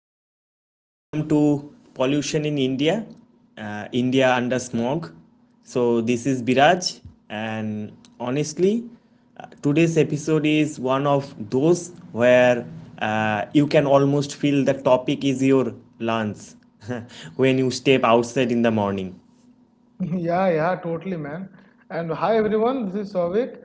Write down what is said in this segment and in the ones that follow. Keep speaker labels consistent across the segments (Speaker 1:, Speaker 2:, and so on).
Speaker 1: and welcome to Pollution in India, India under Smog. So, this is Biraj, and honestly, today's episode is one of those where you can almost feel the topic is your lungs when you step outside in the morning.
Speaker 2: Yeah, yeah, totally, man. And hi, everyone. This is Souvik.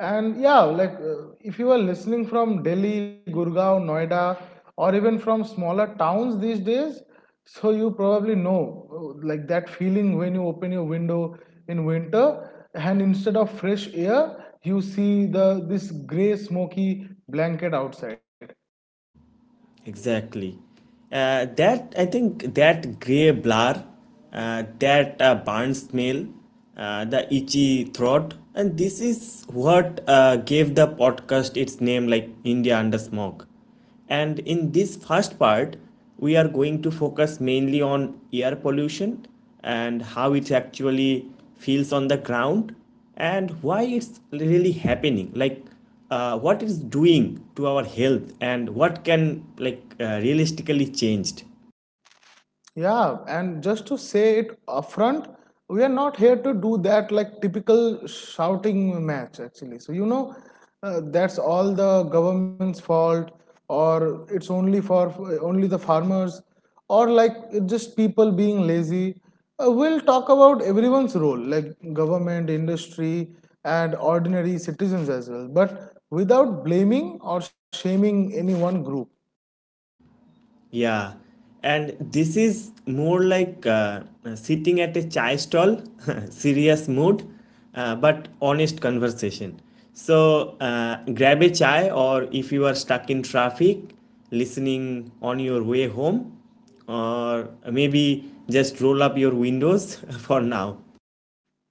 Speaker 2: And yeah, if you are listening from Delhi, Gurgaon, Noida, or even from smaller towns these days, so you probably know like that feeling when you open your window in winter, and instead of fresh air, you see the this gray smoky blanket outside.
Speaker 1: Exactly. That I think that gray blur, that burn smell, the itchy throat, and this is what gave the podcast its name, like India Under Smoke. And in this first part, we are going to focus mainly on air pollution and how it actually feels on the ground and why it's really happening, like what it's doing to our health and what can realistically changed.
Speaker 2: Yeah, and just to say it upfront, we are not here to do that like typical shouting match actually. So, you know, that's all the government's fault, or it's only for only the farmers, or like it's just people being lazy. We'll talk about everyone's role, like government, industry, and ordinary citizens as well, but without blaming or shaming any one group.
Speaker 1: Yeah, and this is more like sitting at a chai stall, serious mood, but honest conversation. So grab a chai, or if you are stuck in traffic listening on your way home, or maybe just roll up your windows for now.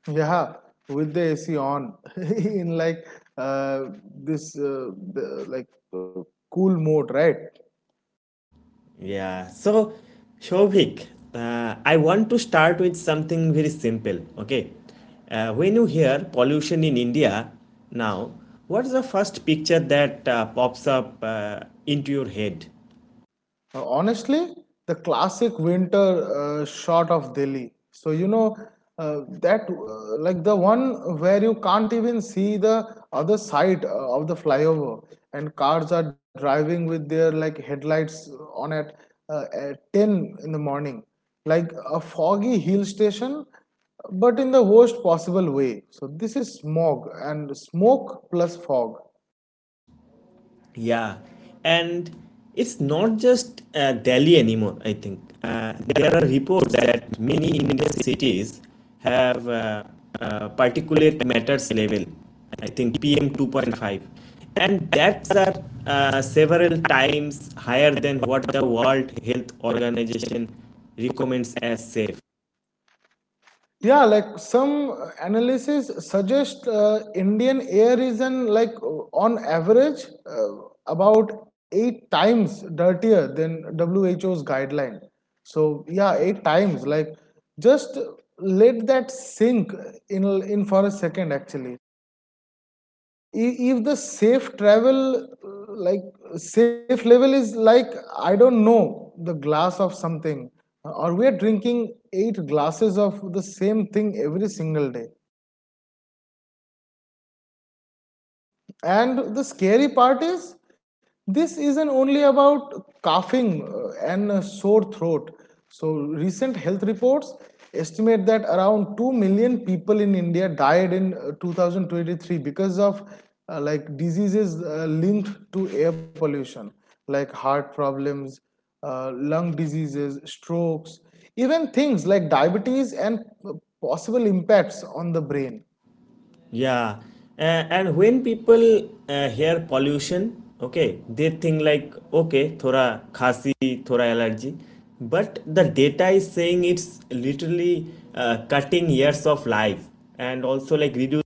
Speaker 2: Yeah, with the AC on in like uh, this the, like uh, cool mode, right?
Speaker 1: Yeah. So, Shobhik, I want to start with something very simple. Okay. When you hear pollution in India now, what's the first picture that pops up into your head?
Speaker 2: Honestly, the classic winter shot of Delhi. So you know that like the one where you can't even see the other side of the flyover, and cars are driving with their like headlights on at 10 in the morning, like a foggy hill station, but in the worst possible way. So this is smog and smoke plus fog.
Speaker 1: Yeah, and it's not just Delhi anymore, I think. There are reports that many Indian cities have particulate matters level, I think PM 2.5, and that's are several times higher than what the World Health Organization recommends as safe.
Speaker 2: Yeah, like some analysis suggest Indian air is an like on average about eight times dirtier than WHO's guideline. So yeah, eight times. Like just let that sink in for a second actually. If the safe level is like, I don't know, the glass of something, or we are drinking eight glasses of the same thing every single day. And the scary part is, this isn't only about coughing and sore throat. So, recent health reports estimate that around 2 million people in India died in 2023 because of like diseases linked to air pollution, like heart problems, lung diseases, strokes, even things like diabetes and possible impacts on the brain.
Speaker 1: Yeah, and when people hear pollution, okay, they think like, okay, थोड़ा khasi, थोड़ा allergy, but the data is saying it's literally cutting years of life and also like reducing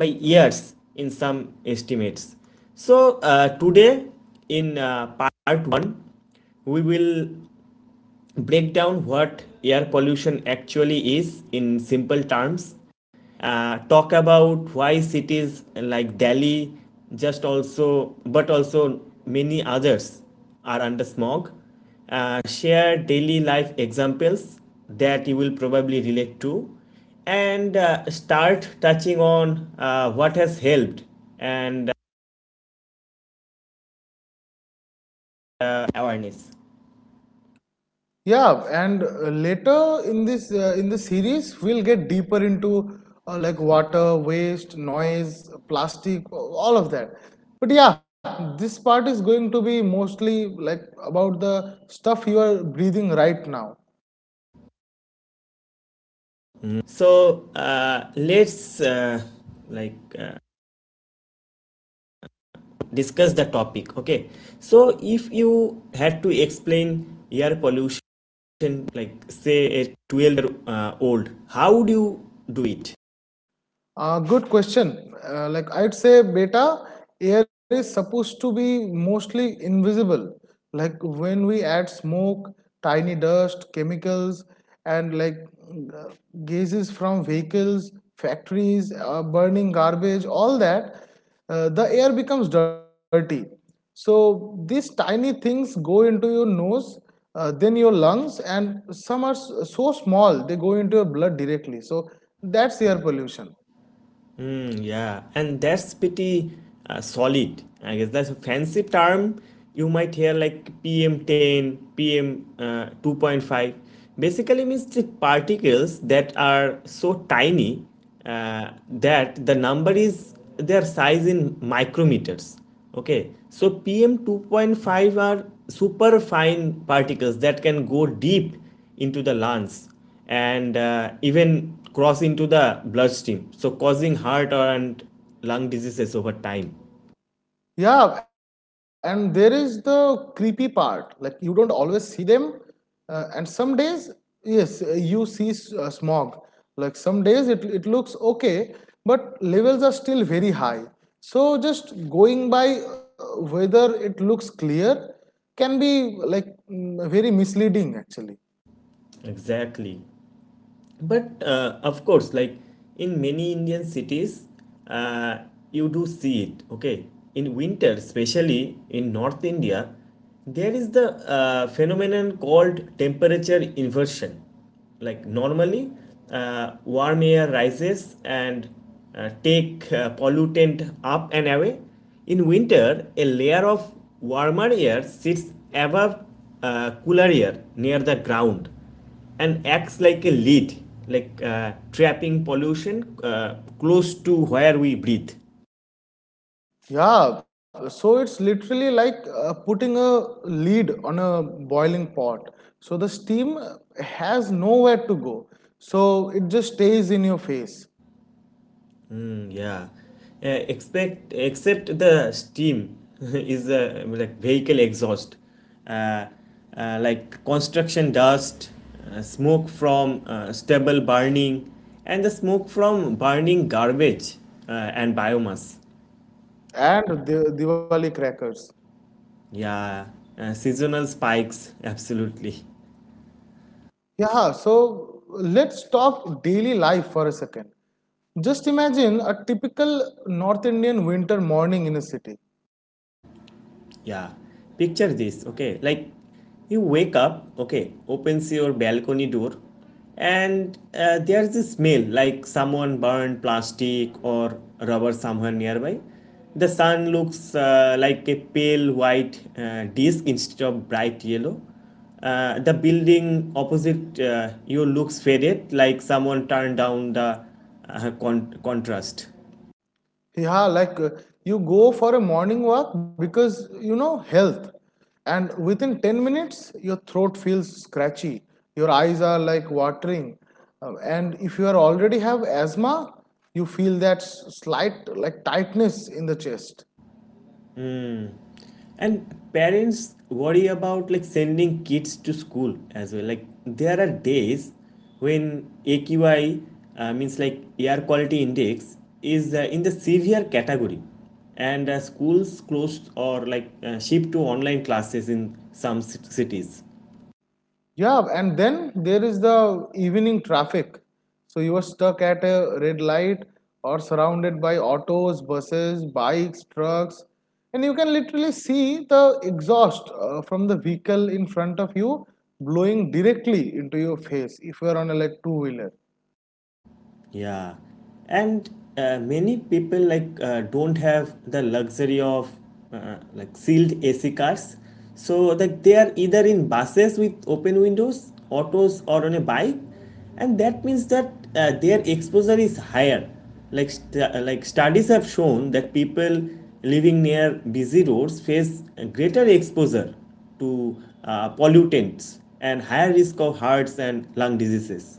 Speaker 1: by years in some estimates. So today in part one, we will break down what air pollution actually is in simple terms, talk about why cities like Delhi, just also but also many others, are under smog, share daily life examples that you will probably relate to, and start touching on what has helped and awareness.
Speaker 2: Yeah, and later in the series, we'll get deeper into like water, waste, noise, plastic, all of that. But yeah, this part is going to be mostly like about the stuff you are breathing right now.
Speaker 1: So let's like uh, discuss the topic. Okay, so if you had to explain air pollution, like say a 12 year old, how would you do it?
Speaker 2: Good question. Like I'd say, beta, air is supposed to be mostly invisible. Like when we add smoke, tiny dust, chemicals, and uh, gases from vehicles, factories, burning garbage, all that, the air becomes dirty. So these tiny things go into your nose, then your lungs, and some are so small they go into your blood directly. So that's air pollution.
Speaker 1: Mm, yeah, and that's pretty solid. I guess that's a fancy term. You might hear like PM 10, PM 2.5. Basically means the particles that are so tiny that the number is their size in micrometers. Okay, so PM 2.5 are super fine particles that can go deep into the lungs and even cross into the bloodstream, so causing heart or and lung diseases over time.
Speaker 2: Yeah, and there is the creepy part. Like you don't always see them, and some days, yes, you see smog. Like some days, it looks okay, but levels are still very high. So just going by whether it looks clear can be like very misleading actually.
Speaker 1: Exactly. But of course, like in many Indian cities, uh, you do see it. Okay, in winter, especially in North India, there is the phenomenon called temperature inversion. Like normally, warm air rises and take pollutant up and away. In winter, a layer of warmer air sits above cooler air near the ground and acts like a lid, like trapping pollution close to where we breathe.
Speaker 2: Yeah, so it's literally like putting a lid on a boiling pot. So the steam has nowhere to go. So it just stays in your face.
Speaker 1: Mm, yeah, expect except the steam is like vehicle exhaust, uh, like construction dust, smoke from stubble burning, and the smoke from burning garbage and biomass.
Speaker 2: And the Diwali crackers.
Speaker 1: Yeah, seasonal spikes, absolutely.
Speaker 2: Yeah, so let's talk daily life for a second. Just imagine a typical North Indian winter morning in a city.
Speaker 1: Yeah. Picture this, okay? Like you wake up, okay, opens your balcony door, and there's a smell like someone burned plastic or rubber somewhere nearby. The sun looks like a pale white disk instead of bright yellow. The building opposite you looks faded, like someone turned down the contrast.
Speaker 2: yeah like uh, you go for a morning walk because, you know, health, and within 10 minutes your throat feels scratchy, your eyes are like watering. And if you are already have asthma, you feel that slight like tightness in the chest.
Speaker 1: And parents worry about like sending kids to school as well. Like there are days when AQI, means like air quality index, is in the severe category, and schools closed or like shift to online classes in some cities.
Speaker 2: Yeah, and then there is the evening traffic. So you are stuck at a red light or surrounded by autos, buses, bikes, trucks, and you can literally see the exhaust from the vehicle in front of you blowing directly into your face if you are on a like two wheeler.
Speaker 1: Yeah, and many people don't have the luxury of like sealed AC cars, so like they are either in buses with open windows, autos, or on a bike, and that means that their exposure is higher. Like studies have shown that people living near busy roads face a greater exposure to pollutants and higher risk of hearts and lung diseases.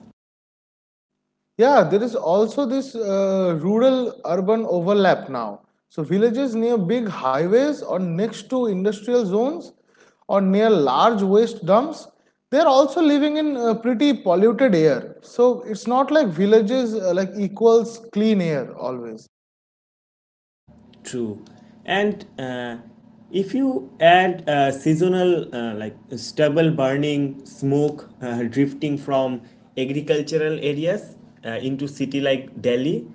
Speaker 2: Yeah, there is also this rural urban overlap now. So, villages near big highways or next to industrial zones or near large waste dumps, they are also living in pretty polluted air. So, it's not like villages like equals clean air always.
Speaker 1: True. And if you add seasonal like stubble burning, smoke drifting from agricultural areas into city like Delhi,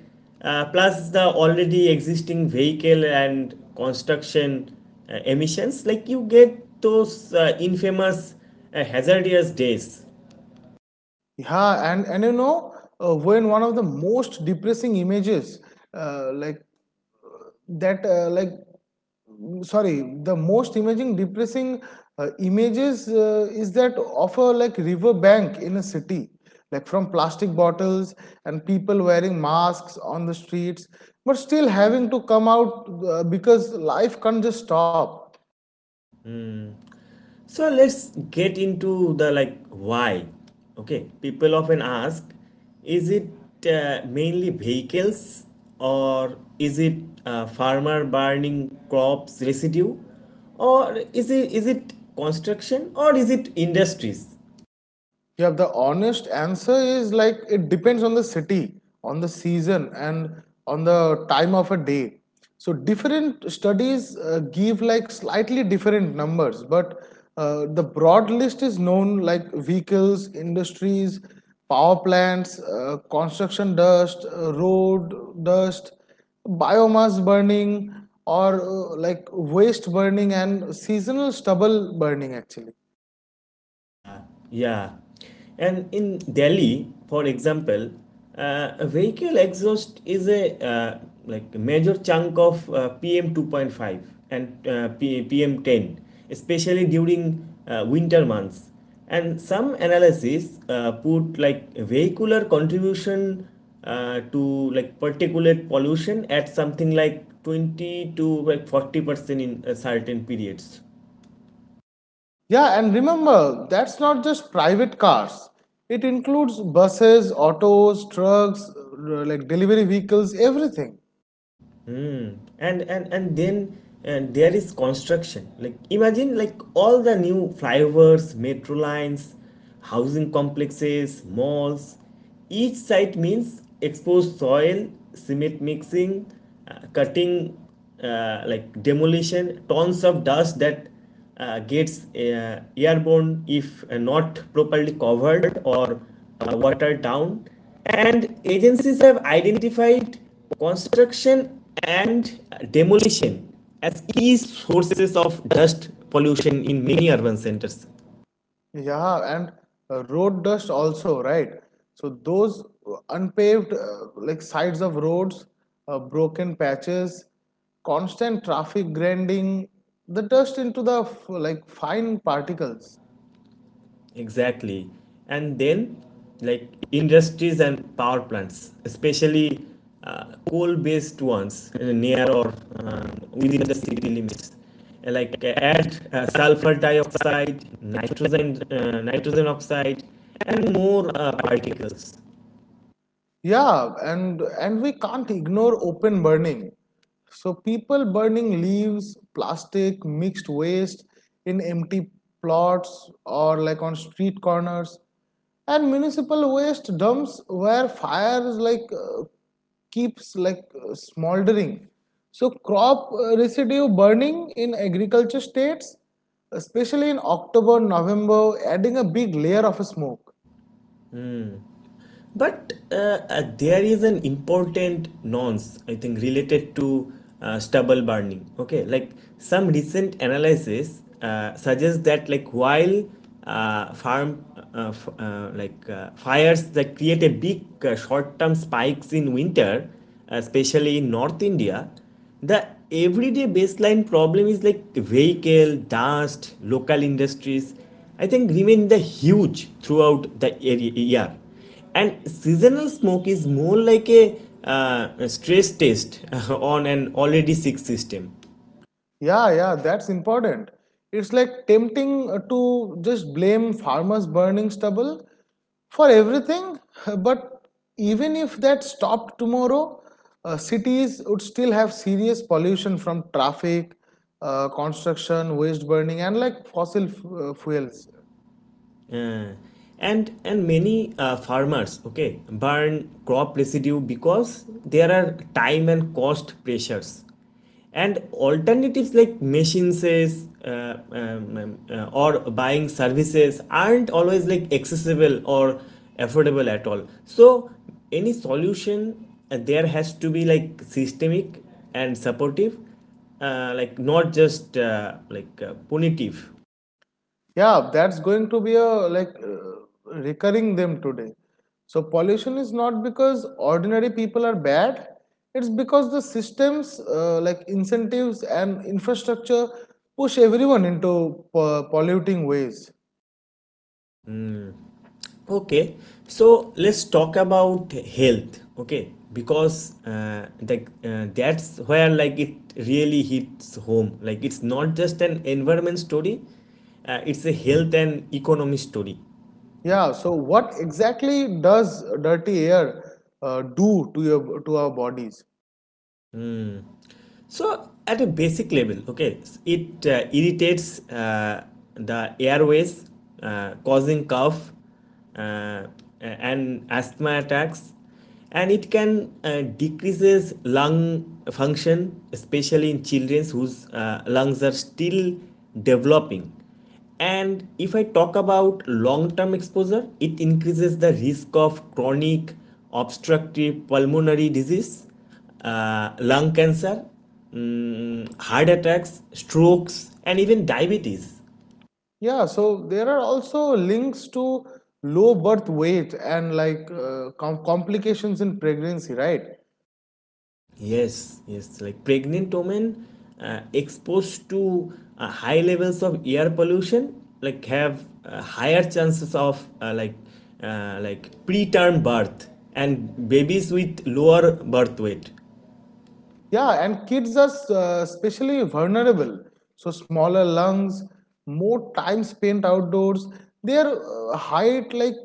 Speaker 1: plus the already existing vehicle and construction emissions, like you get those infamous hazardous days.
Speaker 2: Yeah, and when one of the most depressing images, like that like sorry, the most imaging depressing images is that of a like river bank in a city, like from plastic bottles, and people wearing masks on the streets, but still having to come out because life can't just stop.
Speaker 1: So let's get into the like why. Okay, people often ask, is it mainly vehicles, or is it farmer burning crops residue, or is it construction, or is it industries?
Speaker 2: Yeah, the honest answer is like it depends on the city, on the season, and on the time of a day. So different studies give like slightly different numbers, but the broad list is known, like vehicles, industries, power plants, construction dust, road dust, biomass burning, or like waste burning and seasonal stubble burning actually.
Speaker 1: Yeah, yeah. And in Delhi, for example, a vehicle exhaust is a like a major chunk of PM 2.5 and PM 10, especially during winter months. And some analysis put like vehicular contribution to like particulate pollution at something like 20 to like 40% in certain periods.
Speaker 2: Yeah, and remember, that's not just private cars. It includes buses, autos, trucks, like delivery vehicles, everything.
Speaker 1: Mm. And there is construction. Like imagine like all the new flyovers, metro lines, housing complexes, malls. Each site means exposed soil, cement mixing, cutting, like demolition, tons of dust that gets airborne if not properly covered or watered down. And agencies have identified construction and demolition as key sources of dust pollution in many urban centers.
Speaker 2: Yeah, and road dust also, right? So those unpaved like sides of roads, broken patches, constant traffic grinding the dust into the fine particles.
Speaker 1: Exactly. And then, like industries and power plants, especially coal-based ones near or within the city limits, add sulfur dioxide, nitrogen, nitrogen oxide, and more particles.
Speaker 2: Yeah, and we can't ignore open burning. So people burning leaves, plastic, mixed waste in empty plots or like on street corners, and municipal waste dumps where fires keeps smoldering. So crop residue burning in agriculture states, especially in October, November, adding a big layer of smoke.
Speaker 1: But there is an important nonce, I think, related to stubble burning. Okay, like some recent analysis suggests that like while farm uh, like fires that create a big short-term spikes in winter, especially in North India, the everyday baseline problem is like vehicle, dust, local industries, I think remain the huge throughout the year. And seasonal smoke is more like a stress test on an already sick system.
Speaker 2: Yeah, yeah, that's important. It's like tempting to just blame farmers burning stubble for everything, but even if that stopped tomorrow, cities would still have serious pollution from traffic, construction, waste burning, and like fossil fuels.
Speaker 1: Uh, and many farmers, okay, burn crop residue because there are time and cost pressures, and alternatives like machines, or buying services, aren't always like accessible or affordable at all. So any solution there has to be like systemic and supportive, like not just punitive.
Speaker 2: Yeah, that's going to be a recurring them today. So pollution is not because ordinary people are bad. It's because the systems, like incentives and infrastructure, push everyone into polluting ways.
Speaker 1: Okay, so let's talk about health. Okay, because that's where like it really hits home. Like it's not just an environment story; it's a health and economy story.
Speaker 2: Yeah. So what exactly does dirty air do to your to our bodies?
Speaker 1: So, at a basic level, okay, it irritates the airways, causing cough uh, and asthma attacks, and it can decreases lung function, especially in children whose lungs are still developing. And if I talk about long term exposure, it increases the risk of chronic obstructive pulmonary disease, lung cancer, mm, heart attacks, strokes, and even diabetes.
Speaker 2: Yeah. So there are also links to low birth weight and like complications in pregnancy, right?
Speaker 1: Yes, yes, like pregnant women exposed to high levels of air pollution, like have higher chances of like preterm birth and babies with lower birth weight.
Speaker 2: Yeah, and kids are especially vulnerable. So smaller lungs, more time spent outdoors. Their height like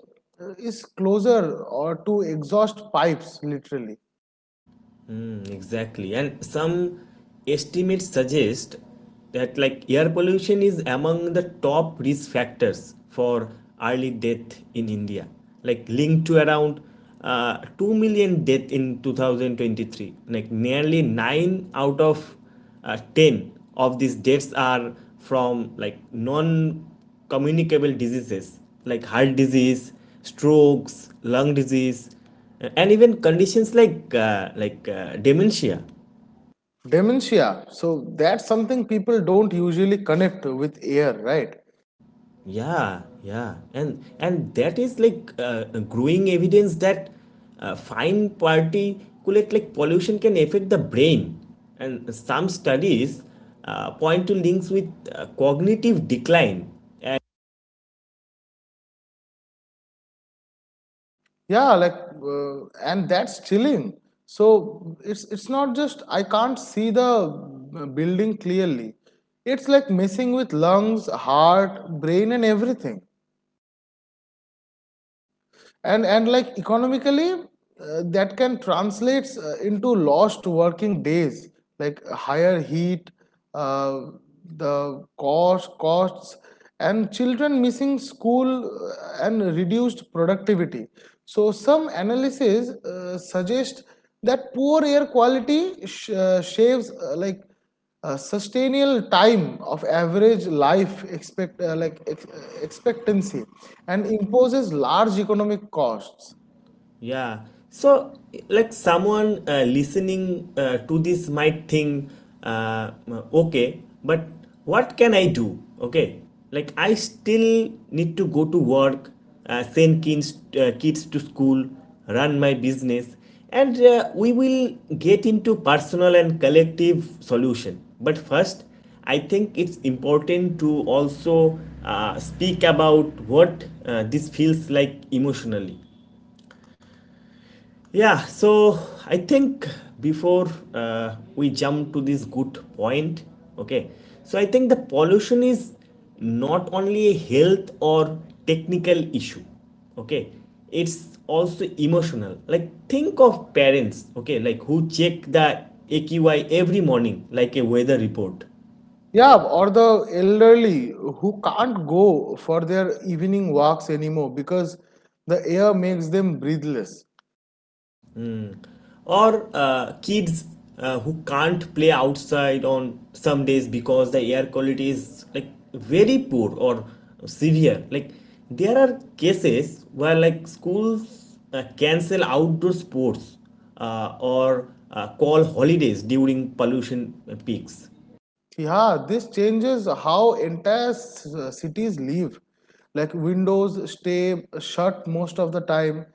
Speaker 2: uh, is closer or to exhaust pipes literally.
Speaker 1: Mm, exactly. And some estimates suggest that like air pollution is among the top risk factors for early death in India, like linked to around 2 million death in 2023. Like nearly 9 out of 10 of these deaths are from like non communicable diseases like heart disease, strokes, lung disease, and even conditions like dementia.
Speaker 2: Dementia. So that's something people don't usually connect with air, right?
Speaker 1: Yeah, yeah, and that is like growing evidence that fine particulate like pollution can affect the brain, and some studies point to links with cognitive decline.
Speaker 2: Yeah, and that's chilling. So it's not just I can't see the building clearly. It's like messing with lungs, heart, brain and everything. And like economically, that can translates into lost working days, like higher heat uh, the cost costs, and children missing school and reduced productivity. So some analysis suggest that poor air quality shaves like sustainable time of average life expectancy and imposes large economic costs.
Speaker 1: Yeah. So, like someone listening to this might think, uh, okay, but what can I do? Okay. Like, I still need to go to work, send kids to school, run my business, and we will get into personal and collective solution. But first, I think it's important to also speak about what this feels like emotionally. Yeah, so I think before we jump to this good point, okay, so I think the pollution is not only a health or technical issue, okay, it's also emotional. Like, think of parents, okay, like who check the AQI every morning, like a weather report.
Speaker 2: Yeah, or the elderly who can't go for their evening walks anymore because the air makes them breathless.
Speaker 1: Or kids who can't play outside on some days because the air quality is like very poor or severe. Like, there are cases where like schools cancel outdoor sports, or call holidays during pollution peaks.
Speaker 2: Yeah, this changes how entire cities live. Like windows stay shut most of the time,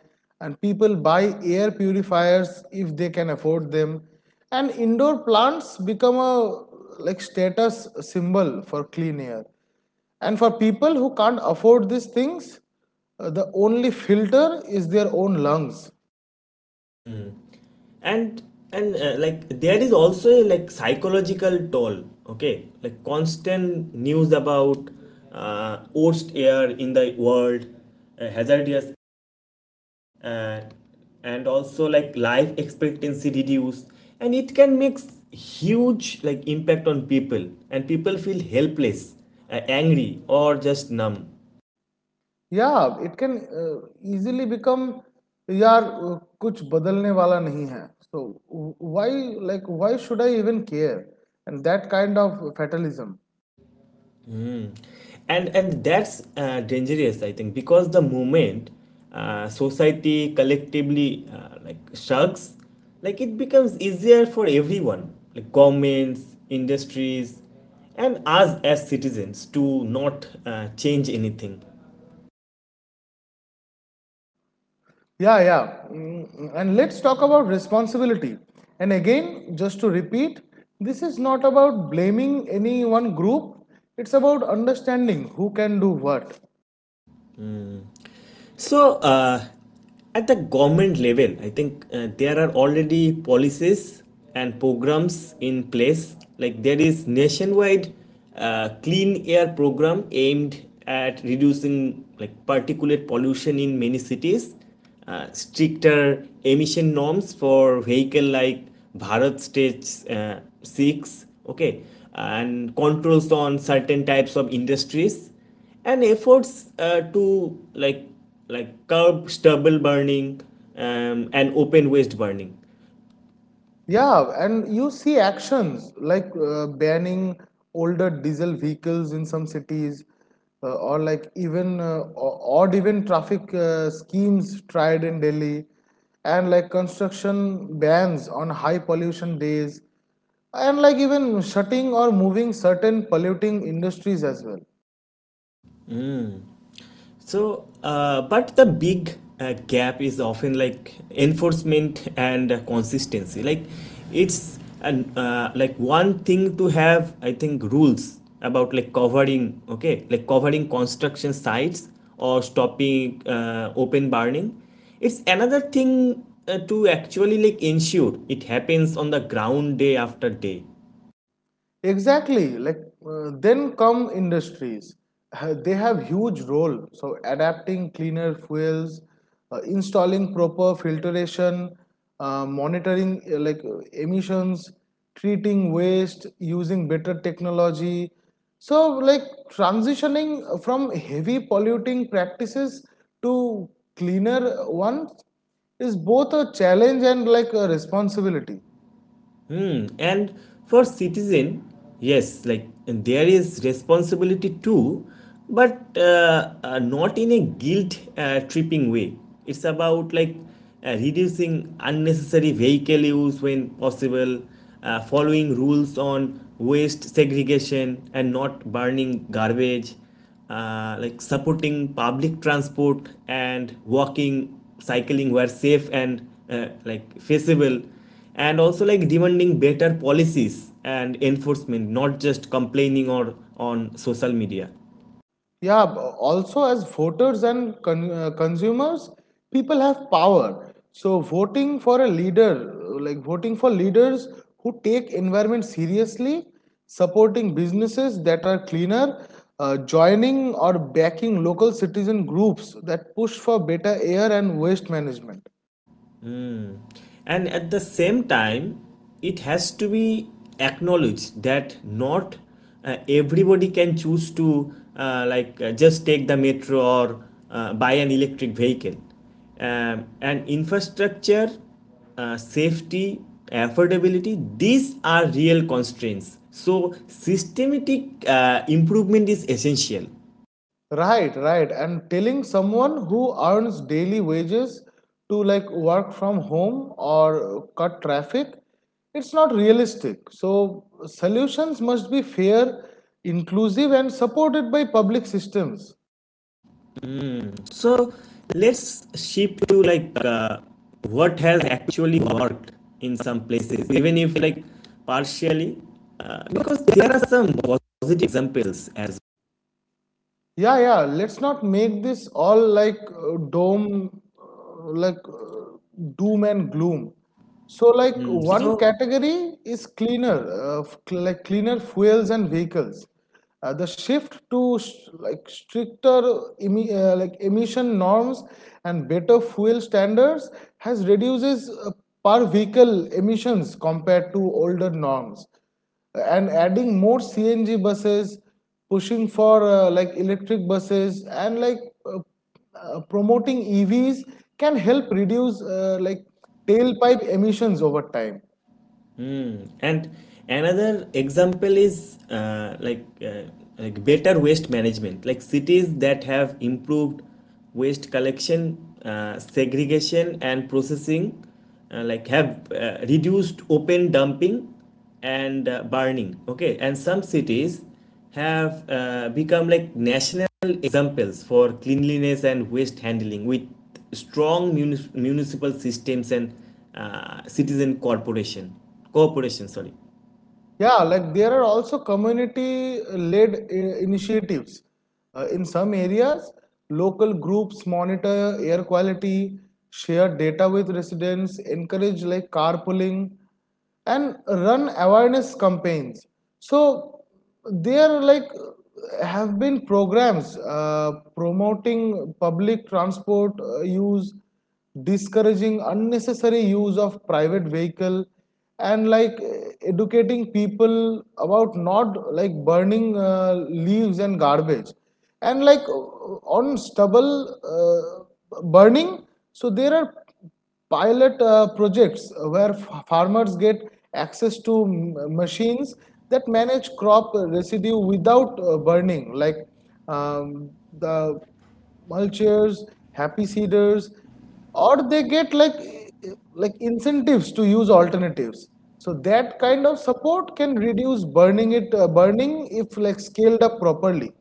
Speaker 2: and people buy air purifiers if they can afford them. And indoor plants become a like status symbol for clean air. And for people who can't afford these things, the only filter is their own lungs.
Speaker 1: Hmm, and and Like, there is also a like psychological toll, okay, like constant news about worst air in the world, hazardous, uh, and also like life expectancy reduce, and it can make huge like impact on people, and people feel helpless, angry, or just numb.
Speaker 2: Yeah, it can easily become. Yeah, कुछ बदलने वाला नहीं है. So why, like, why should I even care? And that kind of fatalism.
Speaker 1: Mm. And that's dangerous, I think, because the moment society collectively like shrugs, like it becomes easier for everyone, like governments, industries, and us as citizens, to not change anything.
Speaker 2: Yeah, yeah. And let's talk about responsibility. And again, just to repeat, this is not about blaming any one group. It's about understanding who can do what.
Speaker 1: So, at the government level, I think there are already policies and programs in place. Like, there is nationwide clean air program aimed at reducing like particulate pollution in many cities. Stricter emission norms for vehicle like Bharat Stage Six. Okay, and controls on certain types of industries and efforts to like like curb stubble burning, and open waste burning.
Speaker 2: Yeah, and you see actions like banning older diesel vehicles in some cities, or like even odd even traffic schemes tried in Delhi, and like construction bans on high pollution days, and like even shutting or moving certain polluting industries as well.
Speaker 1: So, but the big gap is often like enforcement and consistency. Like, it's an like one thing to have, I think, rules about like covering, okay, like covering construction sites or stopping open burning. It's another thing to actually like ensure it happens on the ground day after day.
Speaker 2: Exactly. Like then come industries. They have huge role. So adapting cleaner fuels, installing proper filtration, monitoring emissions, treating waste, using better technology. So like transitioning from heavy polluting practices to cleaner ones is both a challenge and like a responsibility.
Speaker 1: Hmm. And for citizen, yes, like there is responsibility too, but not in a guilt tripping way. It's about like reducing unnecessary vehicle use when possible, following rules on waste segregation and not burning garbage, like supporting public transport and walking, cycling where safe and like feasible, and also like demanding better policies and enforcement, not just complaining or on social media.
Speaker 2: Yeah, also as voters and consumers, people have power. So voting for leaders who take environment seriously, supporting businesses that are cleaner, joining or backing local citizen groups that push for better air and waste management.
Speaker 1: Mm. And at the same time, it has to be acknowledged that not everybody can choose to just take the metro or buy an electric vehicle. And infrastructure, safety, affordability, these are real constraints. So systematic improvement is essential.
Speaker 2: Right, right. And telling someone who earns daily wages to like work from home or cut traffic, it's not realistic. So, solutions must be fair, inclusive, and supported by public systems.
Speaker 1: So let's shift to like what has actually worked in some places, even if like partially, because there are some positive examples as
Speaker 2: Yeah, yeah. Let's not make this all like doom and gloom. So, like
Speaker 1: Mm,
Speaker 2: one
Speaker 1: so.
Speaker 2: category is cleaner, cleaner fuels and vehicles. The shift to like stricter like emission norms and better fuel standards has reduces per vehicle emissions compared to older norms and adding more CNG buses pushing for like electric buses and like uh, promoting EVs can help reduce like tailpipe emissions over time.
Speaker 1: And another example is like better waste management, like cities that have improved waste collection, segregation, and processing, like have reduced open dumping and burning, okay, and some cities have become like national examples for cleanliness and waste handling with strong municipal systems and citizen corporation, cooperation, sorry.
Speaker 2: Yeah, like there are also community led initiatives. In some areas, local groups monitor air quality, share data with residents, encourage like carpooling, and run awareness campaigns. So there like have been programs promoting public transport use, discouraging unnecessary use of private vehicle, and like educating people about not like burning leaves and garbage and like on stubble burning. So there are pilot projects where farmers get access to machines that manage crop residue without burning, like um, the mulchers, happy seeders, or they get like incentives to use alternatives. So that kind of support can reduce burning if like scaled up properly.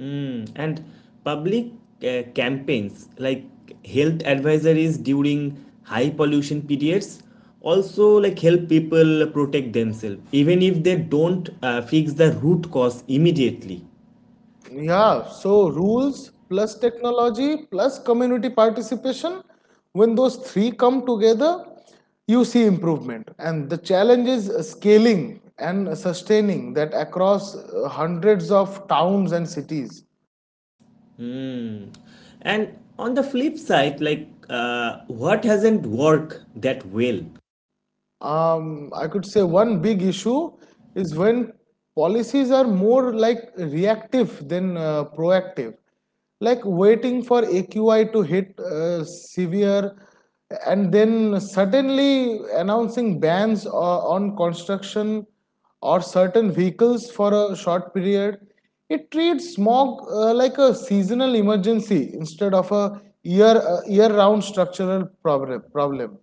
Speaker 1: Mm. And public campaigns like health advisories during high pollution periods also like help people protect themselves even if they don't fix the root cause immediately.
Speaker 2: Yeah, so rules plus technology plus community participation, when those three come together, you see improvement. And the challenge is scaling and sustaining that across hundreds of towns and cities.
Speaker 1: Hmm. And on the flip side, like what hasn't worked that well?
Speaker 2: I could say one big issue is when policies are more like reactive than proactive, like waiting for AQI to hit severe and then suddenly announcing bans on construction or certain vehicles for a short period. It treats smog like a seasonal emergency instead of a year round structural problem.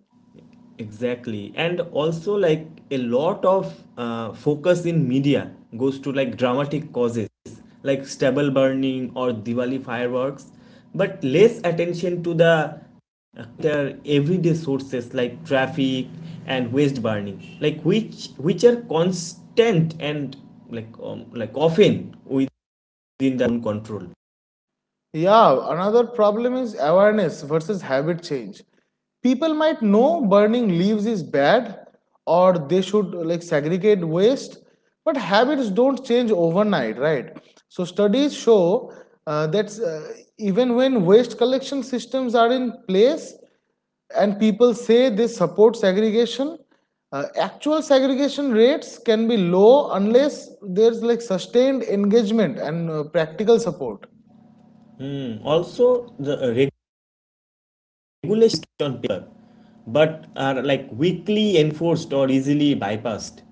Speaker 1: Exactly. And also, like a lot of focus in media goes to like dramatic causes, like stable burning or Diwali fireworks, but less attention to the their everyday sources like traffic and waste burning, like which are constant and like often within their own control.
Speaker 2: Yeah, another problem is awareness versus habit change. People might know burning leaves is bad or they should like segregate waste, but habits don't change overnight, right? So studies show that even when waste collection systems are in place and people say they support segregation, actual segregation rates can be low unless there's like sustained engagement and practical support.
Speaker 1: Mm, also, the regulations on paper, but are like weakly enforced or easily bypassed.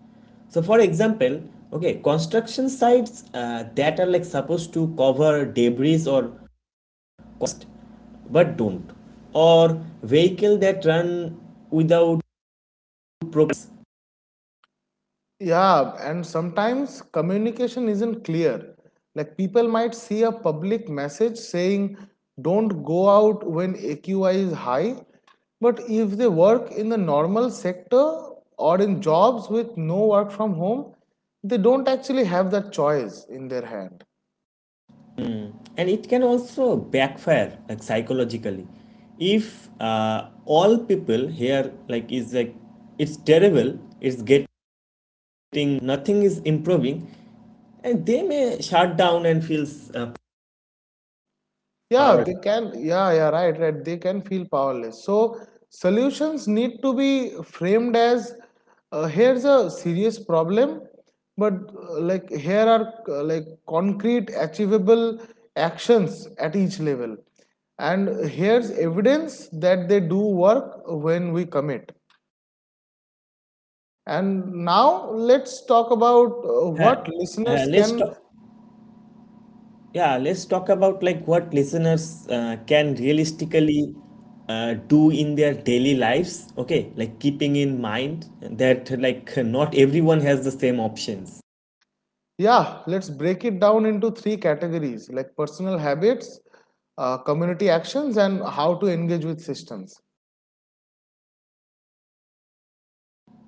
Speaker 1: So, for example, okay, construction sites that are like supposed to cover debris or cost, but don't, or vehicle that run without proper.
Speaker 2: Yeah, and sometimes communication isn't clear. Like people might see a public message saying, don't go out when AQI is high. But if they work in the normal sector or in jobs with no work from home, they don't actually have that choice in their hand.
Speaker 1: And it can also backfire like psychologically if all people here like is like it's terrible, it's getting nothing is improving, and they may shut down and feel uh,
Speaker 2: Yeah,
Speaker 1: power.
Speaker 2: they can. Yeah, yeah, right, right. They can feel powerless. So, solutions need to be framed as here's a serious problem, but like here are like concrete, achievable actions at each level. And here's evidence that they do work when we commit. And now let's talk about
Speaker 1: Yeah.
Speaker 2: what listeners
Speaker 1: Let's
Speaker 2: can.
Speaker 1: talk. Yeah, let's talk about like what listeners can realistically do in their daily lives. Okay, like keeping in mind that like not everyone has the same options.
Speaker 2: Yeah, let's break it down into three categories like personal habits, community actions, and how to engage with systems.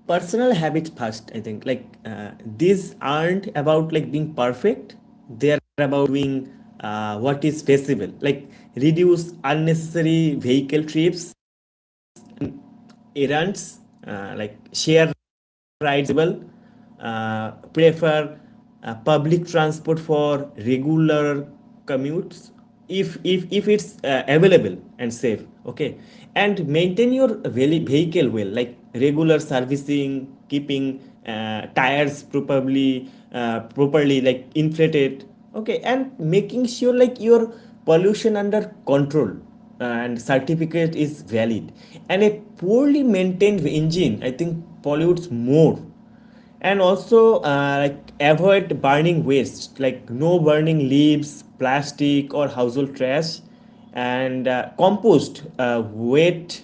Speaker 1: Personal habits first, I think. Like these aren't about like being perfect. They are about doing what is feasible. Like, reduce unnecessary vehicle trips, errands, like share rides available, prefer public transport for regular commutes if if it's available and safe, okay, and maintain your vehicle well, like regular servicing, keeping tires properly like inflated, okay, and making sure like your pollution under control and certificate is valid, and a poorly maintained engine, I think, pollutes more. And also like avoid burning waste, like no burning leaves, plastic, or household trash, and compost wet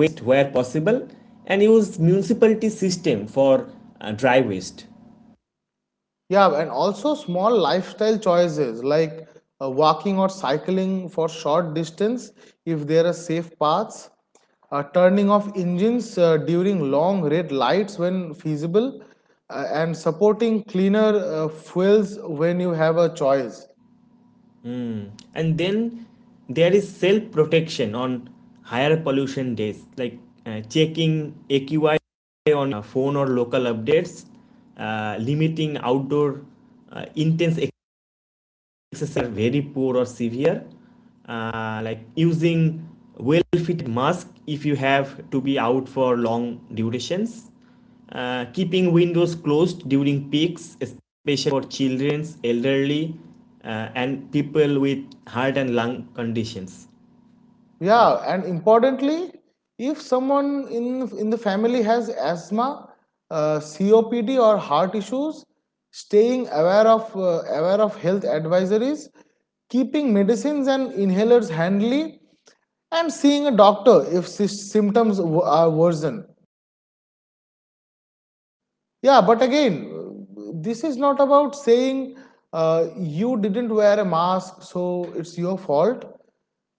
Speaker 1: waste where possible and use municipality system for dry waste.
Speaker 2: Yeah, and also small lifestyle choices like walking or cycling for short distance if there are safe paths, turning off engines during long red lights when feasible, and supporting cleaner fuels when you have a choice.
Speaker 1: Mm. And then there is self protection on higher pollution days, like checking AQI on phone or local updates, limiting outdoor intense cases are very poor or severe, like using well fitted mask if you have to be out for long durations, keeping windows closed during peaks especially for children, elderly, and people with heart and lung conditions.
Speaker 2: Yeah, and importantly, if someone in the family has asthma, COPD, or heart issues, staying aware of health advisories, keeping medicines and inhalers handy, and seeing a doctor if symptoms are worsen. Yeah, but again, this is not about saying you didn't wear a mask, so it's your fault.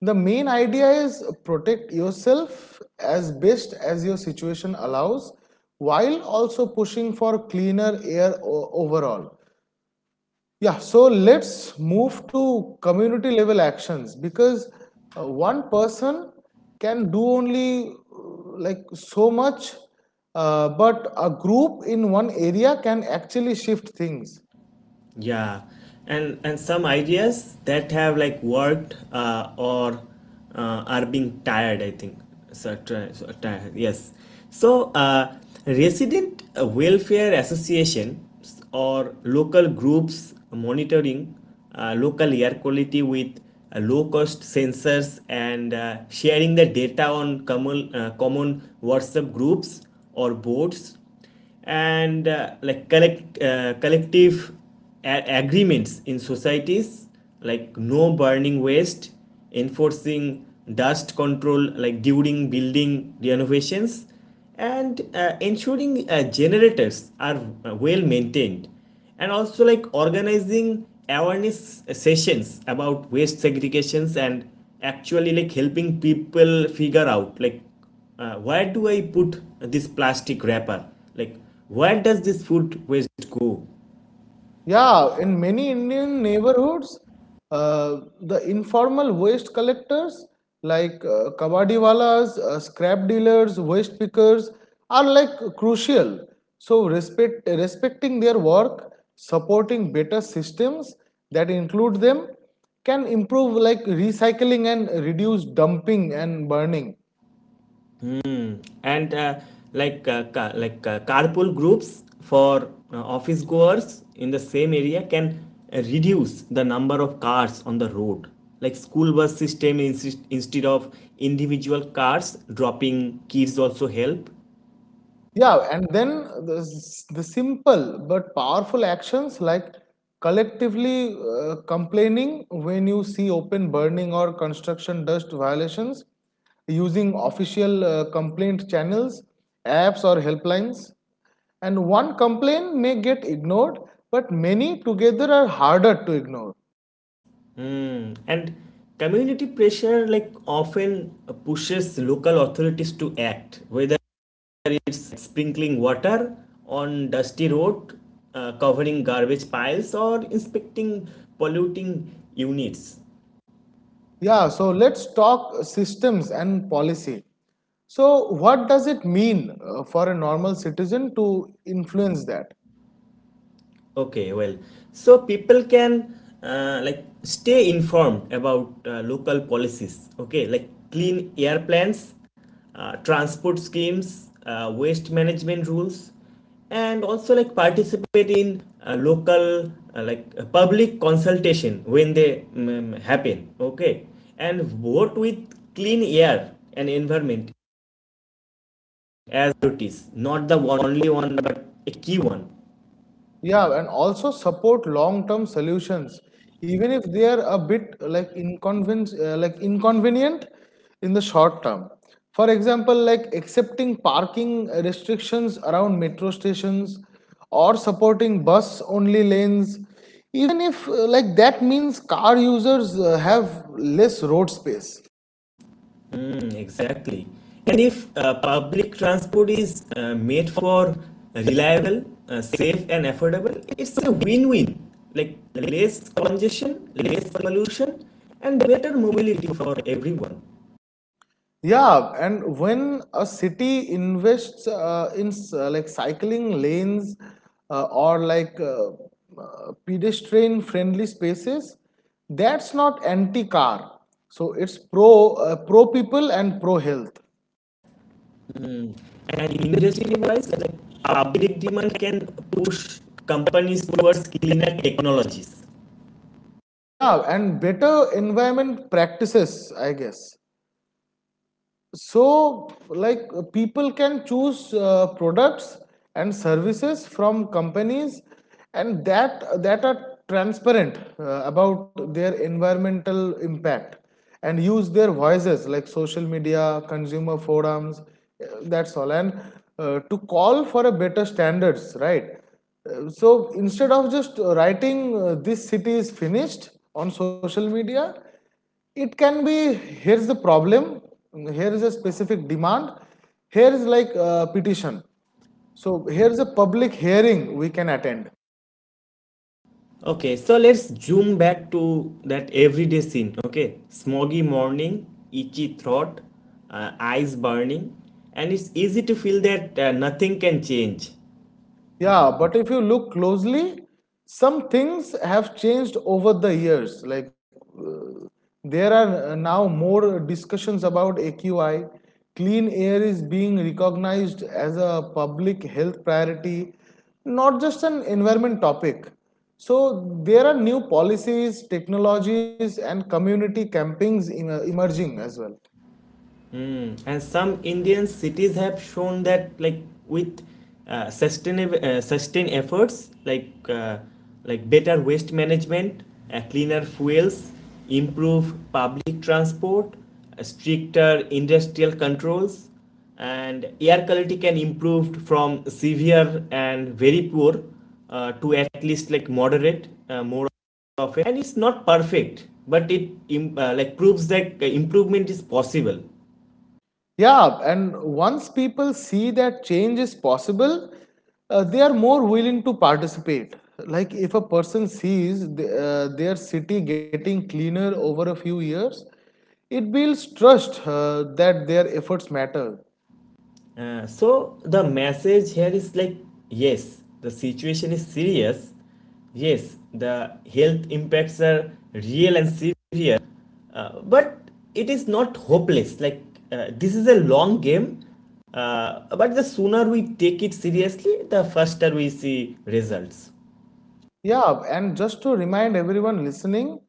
Speaker 2: The main idea is protect yourself as best as your situation allows while also pushing for cleaner air overall. Yeah, so let's move to community level actions because one person can do only like so much, but a group in one area can actually shift things.
Speaker 1: Yeah, and some ideas that have like worked or are being tired, I think so. Try, so tired. Yes. So resident welfare associations or local groups monitoring local air quality with low cost sensors and sharing the data on common WhatsApp groups or boards, and collective agreements in societies like no burning waste, enforcing dust control like during building renovations, and ensuring generators are well maintained, and also like organizing awareness sessions about waste segregations and actually like helping people figure out like, where do I put this plastic wrapper? Like, where does this food waste go?
Speaker 2: Yeah, in many Indian neighborhoods, the informal waste collectors like kabadiwalas, scrap dealers, waste pickers are like crucial. So respecting their work, supporting better systems that include them can improve like recycling and reduce dumping and burning.
Speaker 1: And carpool groups for office goers in the same area can reduce the number of cars on the road. Like school bus system instead of individual cars dropping kids also help.
Speaker 2: Yeah, and then the simple but powerful actions like collectively complaining when you see open burning or construction dust violations, using official complaint channels, apps, or helplines. And one complaint may get ignored, but many together are harder to ignore.
Speaker 1: Hmm. And community pressure like often pushes local authorities to act, whether it's sprinkling water on dusty road, covering garbage piles, or inspecting polluting units.
Speaker 2: Yeah, so let's talk systems and policy. So, what does it mean for a normal citizen to influence that?
Speaker 1: Okay, well, so people can like stay informed about local policies. Okay, like clean air plans, transport schemes, waste management rules, and also like participate in local public consultation when they happen. Okay, and vote with clean air and environment as it is, not the one, only one but a key one.
Speaker 2: Yeah, and also support long-term solutions, even if they are a bit like like inconvenient in the short term. For example, like accepting parking restrictions around metro stations or supporting bus-only lanes, even if like that means car users have less road space.
Speaker 1: Mm, exactly. And if public transport is made for reliable, safe, and affordable, it's a win win. Like less congestion, less pollution, and better mobility for everyone.
Speaker 2: Yeah, and when a city invests like cycling lanes or pedestrian friendly spaces, that's not anti car. So it's pro people and pro health.
Speaker 1: Mm. And industry wise, like public demand can push companies towards cleaner technologies.
Speaker 2: Yeah, and better environment practices, I guess. So like people can choose products and services from companies and that are transparent about their environmental impact and use their voices like social media consumer forums that's all and to call for a better standards, right? So instead of just writing this city is finished on social media, it can be, here's the problem, here's a specific demand, here's like a petition, so here's a public hearing we can attend.
Speaker 1: Okay, so let's zoom back to that everyday scene. Okay, smoggy morning, itchy throat, eyes burning, and it's easy to feel that nothing can change.
Speaker 2: Yeah, but if you look closely, some things have changed over the years. Like there are now more discussions about AQI. Clean air is being recognized as a public health priority, not just an environment topic. So, there are new policies, technologies, and community campings emerging as well.
Speaker 1: Mm. And some Indian cities have shown that, like with sustainable sustained efforts, like better waste management, cleaner fuels, improve public transport, stricter industrial controls, and air quality can improve from severe and very poor to at least like moderate more of, and it's not perfect, but it like proves that improvement is possible.
Speaker 2: Yeah, and once people see that change is possible, they are more willing to participate. Like if a person sees their city getting cleaner over a few years, it builds trust that their efforts matter.
Speaker 1: So the message here is like, yes, the situation is serious. Yes, the health impacts are real and severe. But it is not hopeless. Like this is a long game. But the sooner we take it seriously, the faster we see results.
Speaker 2: Yeah, and just to remind everyone listening,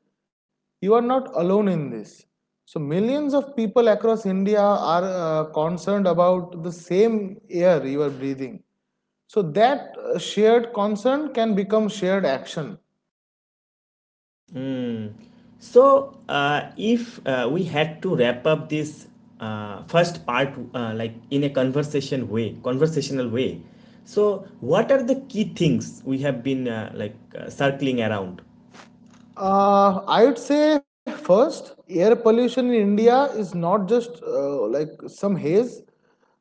Speaker 2: you are not alone in this. So, millions of people across India are concerned about the same air you are breathing. So, that shared concern can become shared action.
Speaker 1: Mm. So, if we had to wrap up this first part, like in a conversational way, so what are the key things we have been circling around?
Speaker 2: I would say first, air pollution in India is not just like some haze.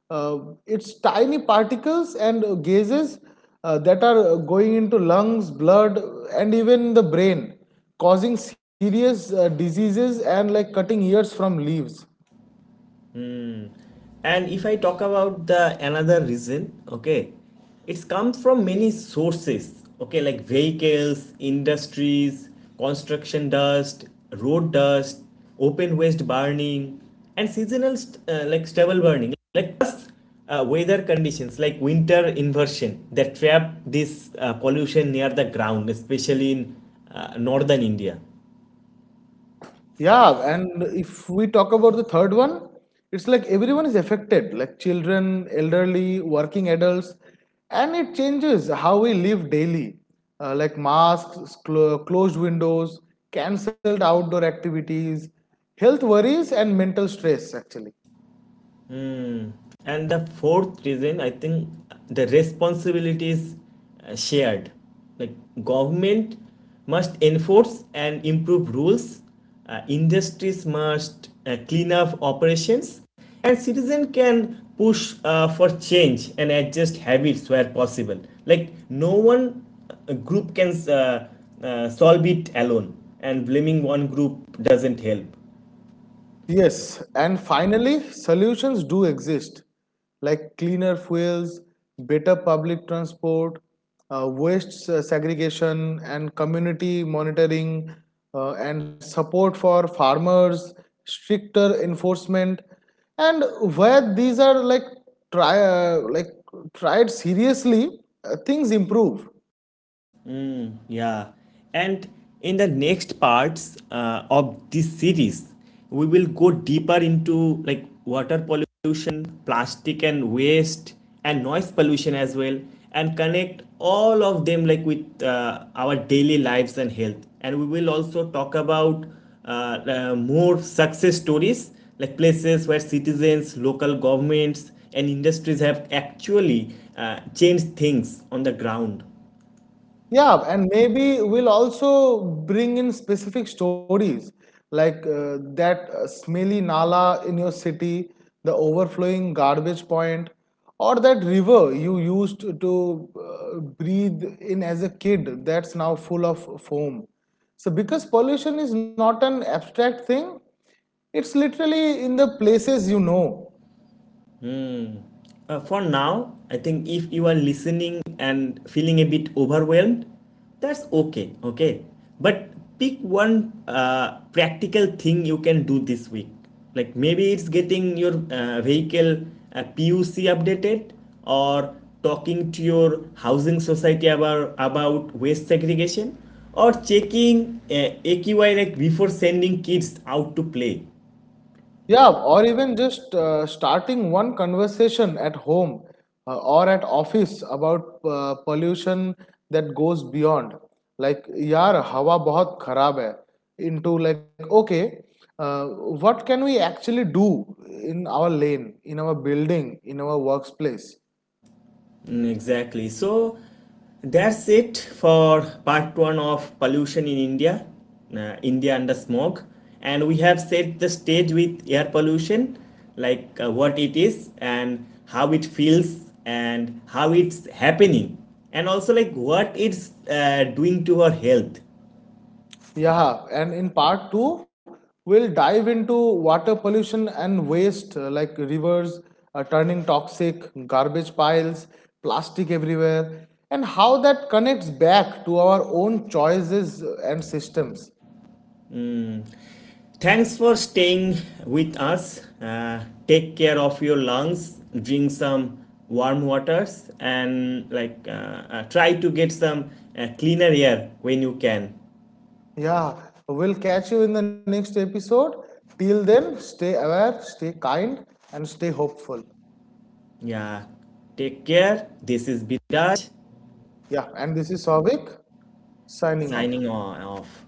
Speaker 2: Uh, it's tiny particles and gases that are going into lungs, blood, and even the brain, causing serious diseases and like cutting ears from leaves.
Speaker 1: And if I talk about the another reason, okay, it's come from many sources, okay, like vehicles, industries, construction dust, road dust, open waste burning, and seasonal like stubble burning, like plus weather conditions like winter inversion that trap this pollution near the ground especially in northern India.
Speaker 2: Yeah, and if we talk about the third one, it's like everyone is affected, like children, elderly, working adults, and it changes how we live daily, like masks, closed windows, cancelled outdoor activities, health worries, and mental stress, actually.
Speaker 1: Mm. And the fourth reason, I think the responsibility is shared. Like, government must enforce and improve rules, industries must clean up operations, and citizen can push for change and adjust habits where possible. Like no one group can solve it alone, and blaming one group doesn't help.
Speaker 2: Yes, and finally, solutions do exist like cleaner fuels, better public transport, waste segregation, and community monitoring, and support for farmers, stricter enforcement. And where these are like tried seriously, things improve.
Speaker 1: Yeah, and in the next parts of this series, we will go deeper into like water pollution, plastic and waste, and noise pollution as well, and connect all of them like with our daily lives and health. And we will also talk about more success stories like places where citizens, local governments, and industries have actually changed things on the ground.
Speaker 2: Yeah, and maybe we'll also bring in specific stories like that smelly nala in your city, the overflowing garbage point, or that river you used to breathe in as a kid that's now full of foam. So, because pollution is not an abstract thing, it's literally in the places you know.
Speaker 1: For now, I think if you are listening and feeling a bit overwhelmed, that's okay, okay? But pick one practical thing you can do this week. Like maybe it's getting your vehicle PUC updated, or talking to your housing society about waste segregation, or checking AQI like before sending kids out to play.
Speaker 2: Yeah, or even just starting one conversation at home or at office about pollution that goes beyond. Like, yaar, hawa bahut kharab hai. Into like, okay, uh, what can we actually do in our lane, in our building, in our workplace?
Speaker 1: Mm, exactly. So that's it for part one of pollution in India, India under smog. And we have set the stage with air pollution, like what it is and how it feels and how it's happening, and also like what it's doing to our health.
Speaker 2: Yeah, and in part two, we'll dive into water pollution and waste like rivers turning toxic, garbage piles, plastic everywhere, and how that connects back to our own choices and systems.
Speaker 1: Thanks for staying with us. Take care of your lungs. Drink some warm waters and like try to get some cleaner air when you can.
Speaker 2: Yeah, we'll catch you in the next episode. Till then, stay aware, stay kind, and stay hopeful.
Speaker 1: Yeah. Take care. This is Bidaj
Speaker 2: Yeah, and this is Savik signing
Speaker 1: signing
Speaker 2: off.
Speaker 1: off.